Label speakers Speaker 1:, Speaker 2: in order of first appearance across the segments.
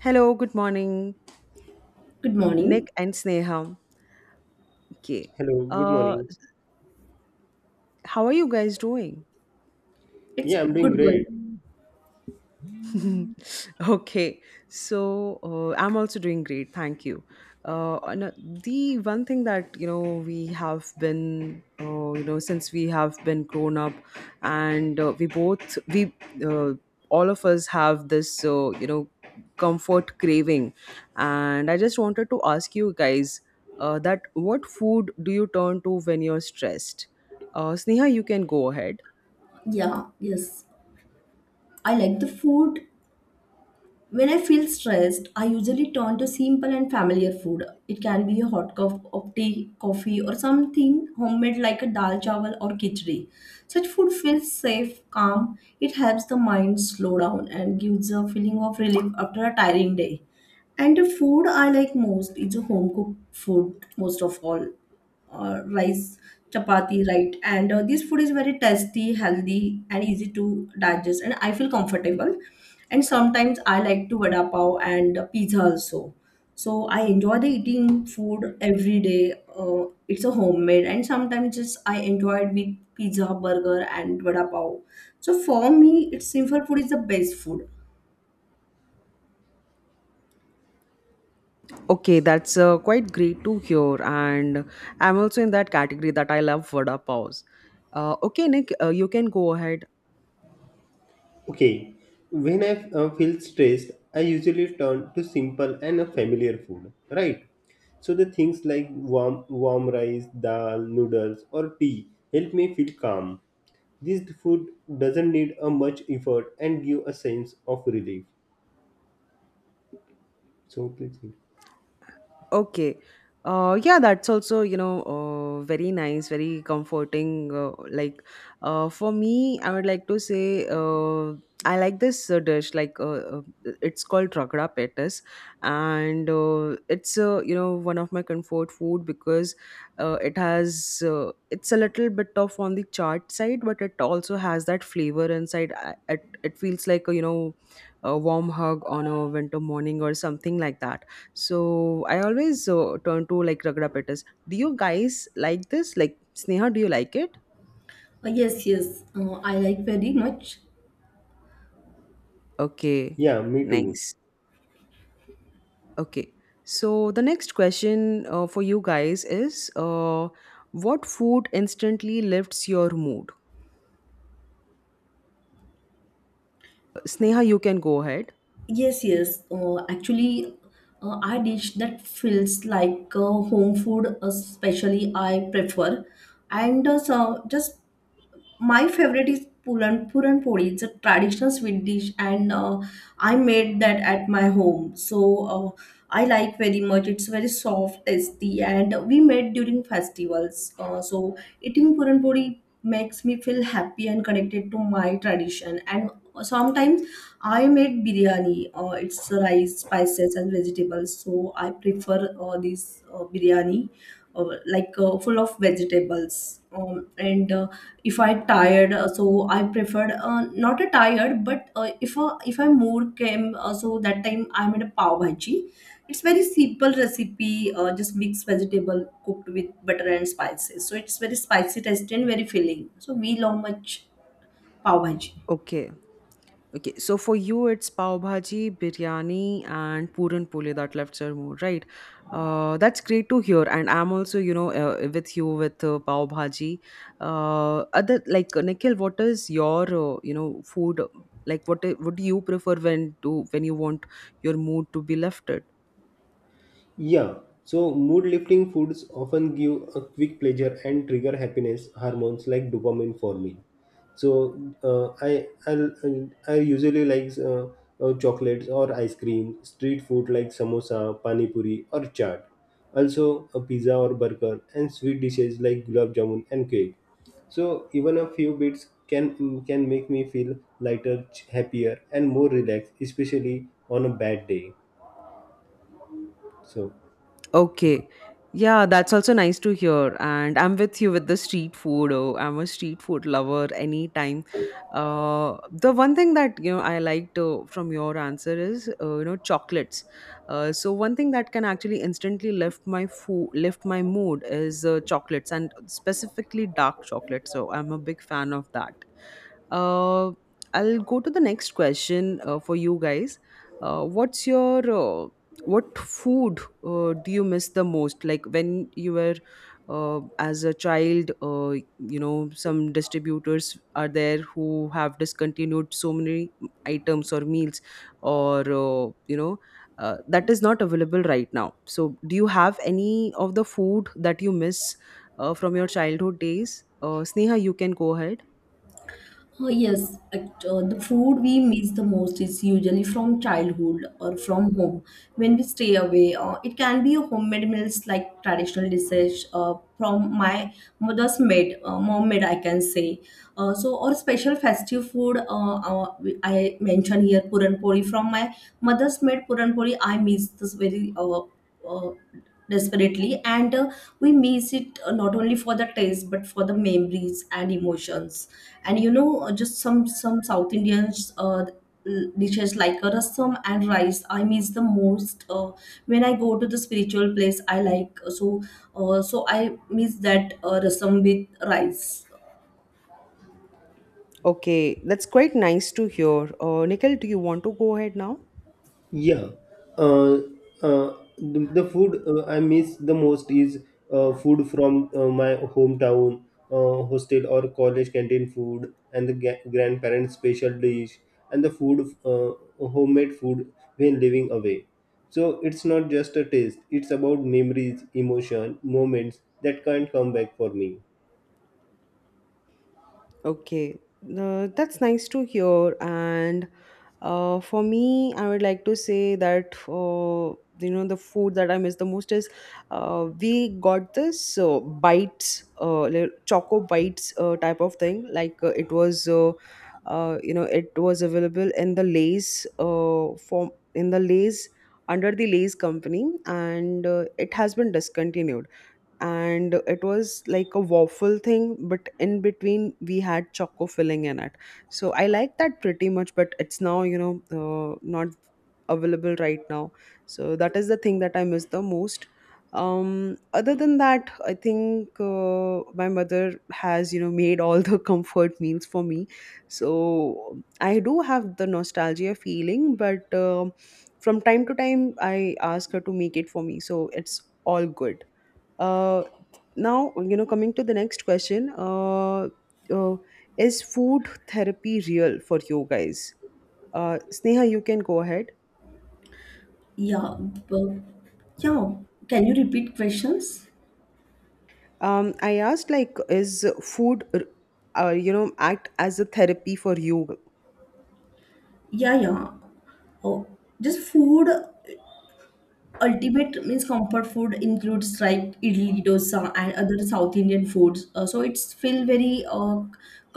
Speaker 1: Hello, good morning,
Speaker 2: Good morning.
Speaker 1: Nick and Sneha. Okay.
Speaker 3: Hello, good
Speaker 1: Uh,
Speaker 3: morning.
Speaker 1: how are you guys doing?
Speaker 2: It's
Speaker 3: Yeah, I'm doing
Speaker 2: good going.
Speaker 3: great.
Speaker 1: Okay, so I'm also doing great, thank you. And the one thing that we have been since we have been grown up and we both we uh, all of us have this comfort craving, and I just wanted to ask you guys that, what food do you turn to when you're stressed? Sneha, you can go ahead.
Speaker 2: Yeah, yes. I like the food. When I feel stressed, I usually turn to simple and familiar food. It can be a hot cup of tea, coffee, or something homemade like a dal chawal or khichdi. Such food feels safe, calm. It helps the mind slow down and gives a feeling of relief after a tiring day. And the food I like most is a home cooked food, most of all. Or rice, chapati, right, and this food is very tasty, healthy, and easy to digest, and I feel comfortable. And sometimes I like to vada pav and pizza also. So I enjoy the eating food every day. It's a homemade, and sometimes just I enjoy it with pizza, burger, and vada pav. So for me, it's simple food is the best food.
Speaker 1: Okay, that's quite great to hear. And I'm also in that category that I love vada paws. Okay, Nick, you can go ahead.
Speaker 3: Okay, when I feel stressed, I usually turn to simple and a familiar food, right? So the things like warm rice, dal, noodles, or tea help me feel calm. This food doesn't need a much effort and give a sense of relief. So please.
Speaker 1: Okay. Yeah, that's also, very nice, very comforting. Like, for me, I would like to say, I like this dish. Like, it's called ragra petas, and it's, one of my comfort food, because it's a little bit of on the charred side, but it also has that flavor inside. It feels like a, a warm hug on a winter morning or something like that. So I always turn to like Ragda Pettis. Do you guys like this? Like, Sneha, do you like it?
Speaker 2: Yes, yes. I like very much.
Speaker 1: Okay,
Speaker 3: Yeah, me too.
Speaker 1: nice. Okay. So the next question for you guys is, what food instantly lifts your mood? Sneha, you can go ahead.
Speaker 2: Yes, yes. Actually, I dish that feels like home food, especially I prefer, and so just my favorite is puran puri. It's a traditional sweet dish, and I made that at my home. So uh, I like very much. It's very soft, tasty, and we made during festivals. So eating puran puri makes me feel happy and connected to my tradition. And sometimes I made biryani. It's rice, spices, and vegetables. So I prefer this biryani, like full of vegetables. And if I tired, so I preferred not a tired, but if I more came, so that time I made a pav bhaji. It's very simple recipe, just mixed vegetable cooked with butter and spices. So it's very spicy taste and very filling. So we love much pav bhaji.
Speaker 1: Okay. Okay, so for you, it's pav bhaji, biryani, and puran pole that left your mood, right? That's great to hear, and I'm also, with you with pav bhaji. Other, like, Nikhil, what is your, food, like? What do you prefer when you want your mood to be lifted?
Speaker 3: Yeah, so mood lifting foods often give a quick pleasure and trigger happiness hormones like dopamine forming. So uh, I I'll, I usually like chocolates or ice cream, street food like samosa, pani puri or chaat. Also a pizza or burger and sweet dishes like gulab jamun and cake. So even a few bits can make me feel lighter, happier and more relaxed, especially on a bad day. So
Speaker 1: Okay. Yeah, that's also nice to hear. And I'm with you with the street food. Oh, I'm a street food lover anytime. The one thing that you know I liked from your answer is, chocolates. So one thing that can actually instantly lift my mood is chocolates, and specifically dark chocolate. So I'm a big fan of that. Uh, I'll go to the next question for you guys. Uh, what's your uh, what food do you miss the most, like when you were as a child? Some distributors are there who have discontinued so many items or meals, or that is not available right now. So do you have any of the food that you miss from your childhood days? Sneha, you can go ahead.
Speaker 2: Oh, yes. The food we miss the most is usually from childhood or from home. When we stay away, it can be a homemade meals like traditional dishes from mom made, I can say. So, or special festive food, I mentioned here Puran poli. From my mother's made Puran poli. I miss this very uh, desperately, and we miss it not only for the taste but for the memories and emotions. And you know, just some south Indians dishes like a rasam and rice I miss the most. When I go to the spiritual place I like, so I miss that rasam with rice.
Speaker 1: Okay, that's quite nice to hear. Nikhil, do you want to go ahead now?
Speaker 3: Yeah, uh, the food I miss the most is food from my hometown, hostel or college canteen food, and the grandparents' special dish, and the food, homemade food when living away. So it's not just a taste; it's about memories, emotion, moments that can't come back for me.
Speaker 1: Okay, that's nice to hear. And for me, I would like to say that the food that I miss the most is, we got this bites, choco bites type of thing. Like, it was, it was available in the Lay's form, in the Lay's, under the Lay's company, and it has been discontinued. And it was like a waffle thing, but in between we had choco filling in it. So I like that pretty much, but it's now, not available right now. So that is the thing that I miss the most. Other than that, I think my mother has made all the comfort meals for me. So I do have the nostalgia feeling, but from time to time I ask her to make it for me, so it's all good. uh Now, coming to the next question, uh is food therapy real for you guys? Sneha, you can go ahead.
Speaker 2: Yeah, but, yeah, can you repeat questions?
Speaker 1: I asked, like, is food, act as a therapy for you?
Speaker 2: Yeah, yeah. Oh, just food ultimate means comfort food includes like idli dosa and other South Indian foods. So it's feel very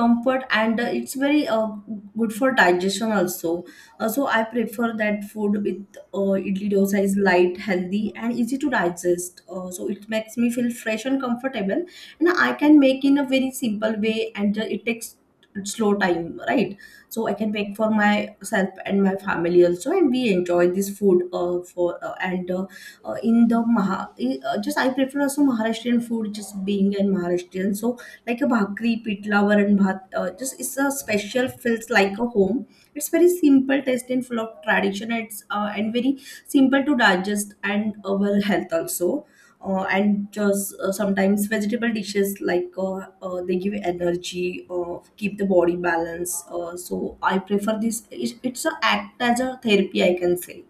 Speaker 2: comfort, and it's very good for digestion also. So I prefer that food with idli dosa is light, healthy, and easy to digest. So it makes me feel fresh and comfortable, and I can make in a very simple way, and it takes slow time, right? So I can make for myself and my family also, and we enjoy this food for and in the Maha, just I prefer also Maharashtrian food, just being in Maharashtrian. So like a bhakri pitla, and bhat, just it's a special, feels like a home. It's very simple taste and full of tradition. It's uh, and very simple to digest and our health also. Uh, and just uh, sometimes vegetable dishes like they give energy, keep the body balance. So I prefer this. It's a act as a therapy, I can say.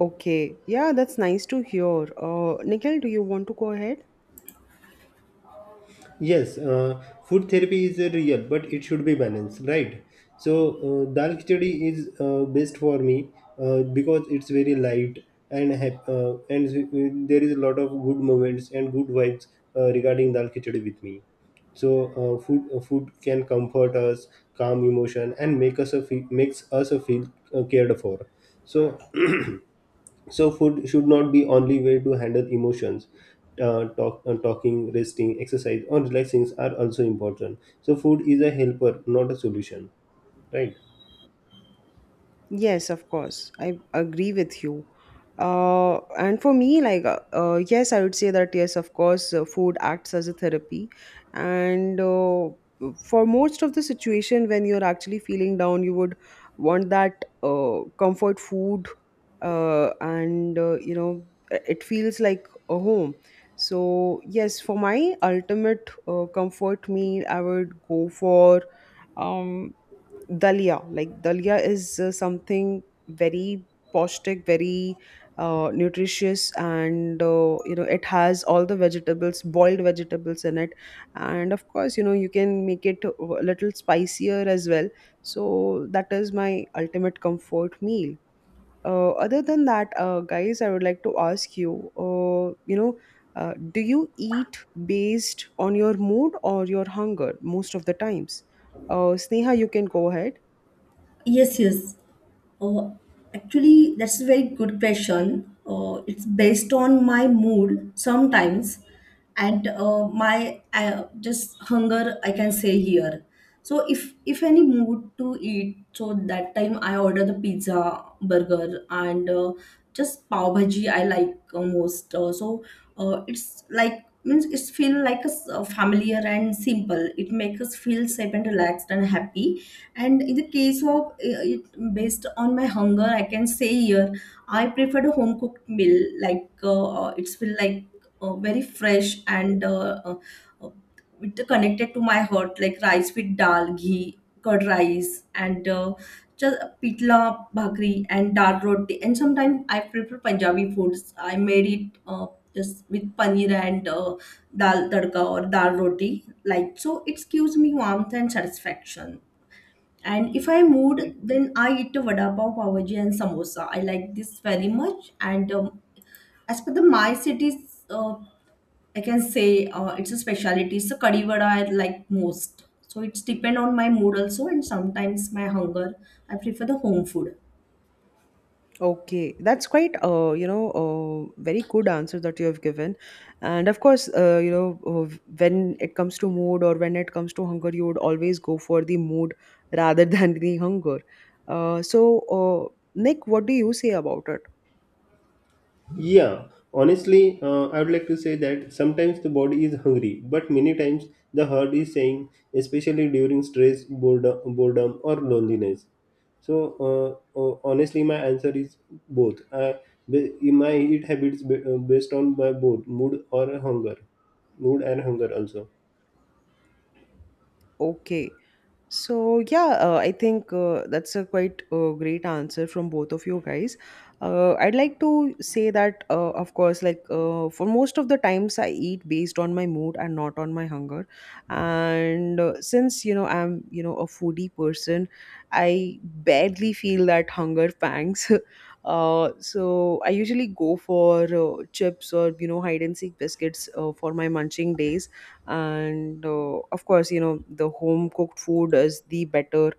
Speaker 1: Okay, yeah, that's nice to hear. Nikhil, do you want to go ahead?
Speaker 3: Yes, food therapy is real, but it should be balanced, right? So, dal khichdi is best for me because it's very light and there is a lot of good moments and good vibes regarding dal khichdi with me. So, food can comfort us, calm emotion, and makes us a feel cared for. So, so food should not be only way to handle emotions. Talking, resting, exercise, or relaxing are also important. So food is a helper, not a solution, right?
Speaker 1: Yes, of course. I agree with you. And for me, like, yes, I would say that, yes, of course, food acts as a therapy. And for most of the situation, when you're actually feeling down, you would want that comfort food. And it feels like a home. So, yes, for my ultimate comfort meal, I would go for. um Dalia, like dalia is something very pashtic, very nutritious, and it has all the vegetables, boiled vegetables in it. And of course, you know, you can make it a little spicier as well. So that is my ultimate comfort meal. Other than that, guys, I would like to ask you, you know do you eat based on your mood or your hunger most of the times? Sneha, you can go ahead.
Speaker 2: Yes, yes. Uh, actually, that's a very good question. It's based on my mood sometimes, and my just hunger, I can say here. So if any mood to eat, so that time I order the pizza, burger, and just pav bhaji I like most. So it's like means it's feel like a familiar and simple. It makes us feel safe and relaxed and happy. And in the case of it, based on my hunger, I can say here I prefer the home cooked meal. Like it's feel like very fresh and uh, it connected to my heart. Like rice with dal, ghee, curd rice, and just pitla bhakri and dal roti. And sometimes I prefer Punjabi foods. I made it. Just with paneer and dal tadka or dal roti like, so it gives me warmth and satisfaction. And if I
Speaker 1: Okay.
Speaker 2: mood, then I eat a vada pav, pavaji, and samosa. I like this very much. And as per the my city's, I can say it's a speciality. So kadhi vada I like most. So it's depend on my mood also, and sometimes my hunger. I prefer the home food.
Speaker 1: Okay, that's quite very good answer that you have given. And of course, when it comes to mood or when it comes to hunger, you would always go for the mood rather than the hunger. So Nick, what do you say about it?
Speaker 3: Yeah, honestly, I would like to say that sometimes the body is hungry, but many times the heart is saying, especially during stress, boredom or loneliness. So, honestly, my answer is both. My eat habits based on my both mood or hunger, mood and hunger also.
Speaker 1: Okay. So yeah, I think that's a quite great answer from both of you guys. I'd like to say that, of course, like, for most of the times I eat based on my mood and not on my hunger. And since you know I'm, a foodie person, I barely feel that hunger pangs. So I usually go for chips, or, you know, hide and seek biscuits for my munching days. And of course, you know, the home cooked food is the better,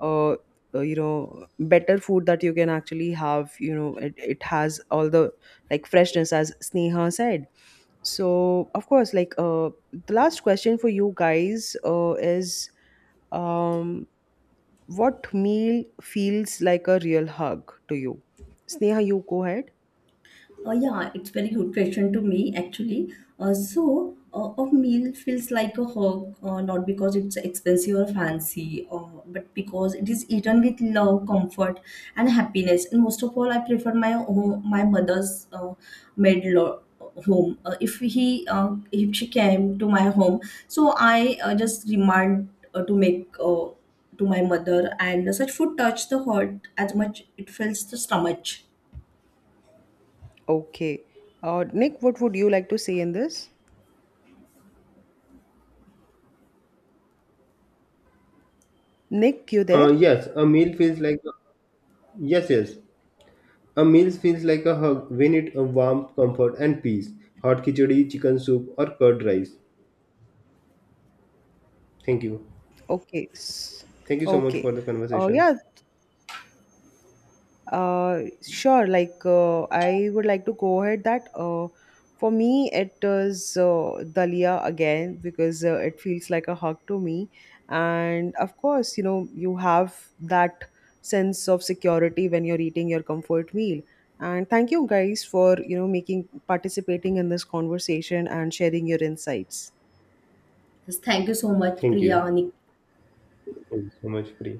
Speaker 1: uh, better food that you can actually have. You know, it has all the, like, freshness, as Sneha said. So of course, like, the last question for you guys is, um, what meal feels like a real hug to you? Sneha, you go ahead.
Speaker 2: Yeah, it's very good question to me actually. So a meal feels like a hug, not because it's expensive or fancy, but because it is eaten with love, comfort, and happiness. And most of all, I prefer my home, my mother's made home. If he if she came to my home, so I just remind to make. To my mother, and such food touch the heart as much it fills the stomach.
Speaker 1: Okay. Nick, what would you like to say in this? Nick, you
Speaker 3: Uh,
Speaker 1: there?
Speaker 3: yes, a meal feels like yes, yes. A meal feels like a hug when it warm comfort and peace. Hot khichdi, chicken soup, or curd rice. Thank you.
Speaker 1: Okay.
Speaker 3: Thank you so much
Speaker 1: Okay.
Speaker 3: for the conversation.
Speaker 1: Yeah. Sure. Like, I would like to go ahead that. For me, it is Dalia again, because it feels like a hug to me, and of course, you know, you have that sense of security when you're eating your comfort meal. And thank you guys for, you know, making participating in this conversation and sharing your insights.
Speaker 2: Yes, thank you so much,
Speaker 3: Thank you.
Speaker 2: Priya.
Speaker 3: Thank you so much, Pri.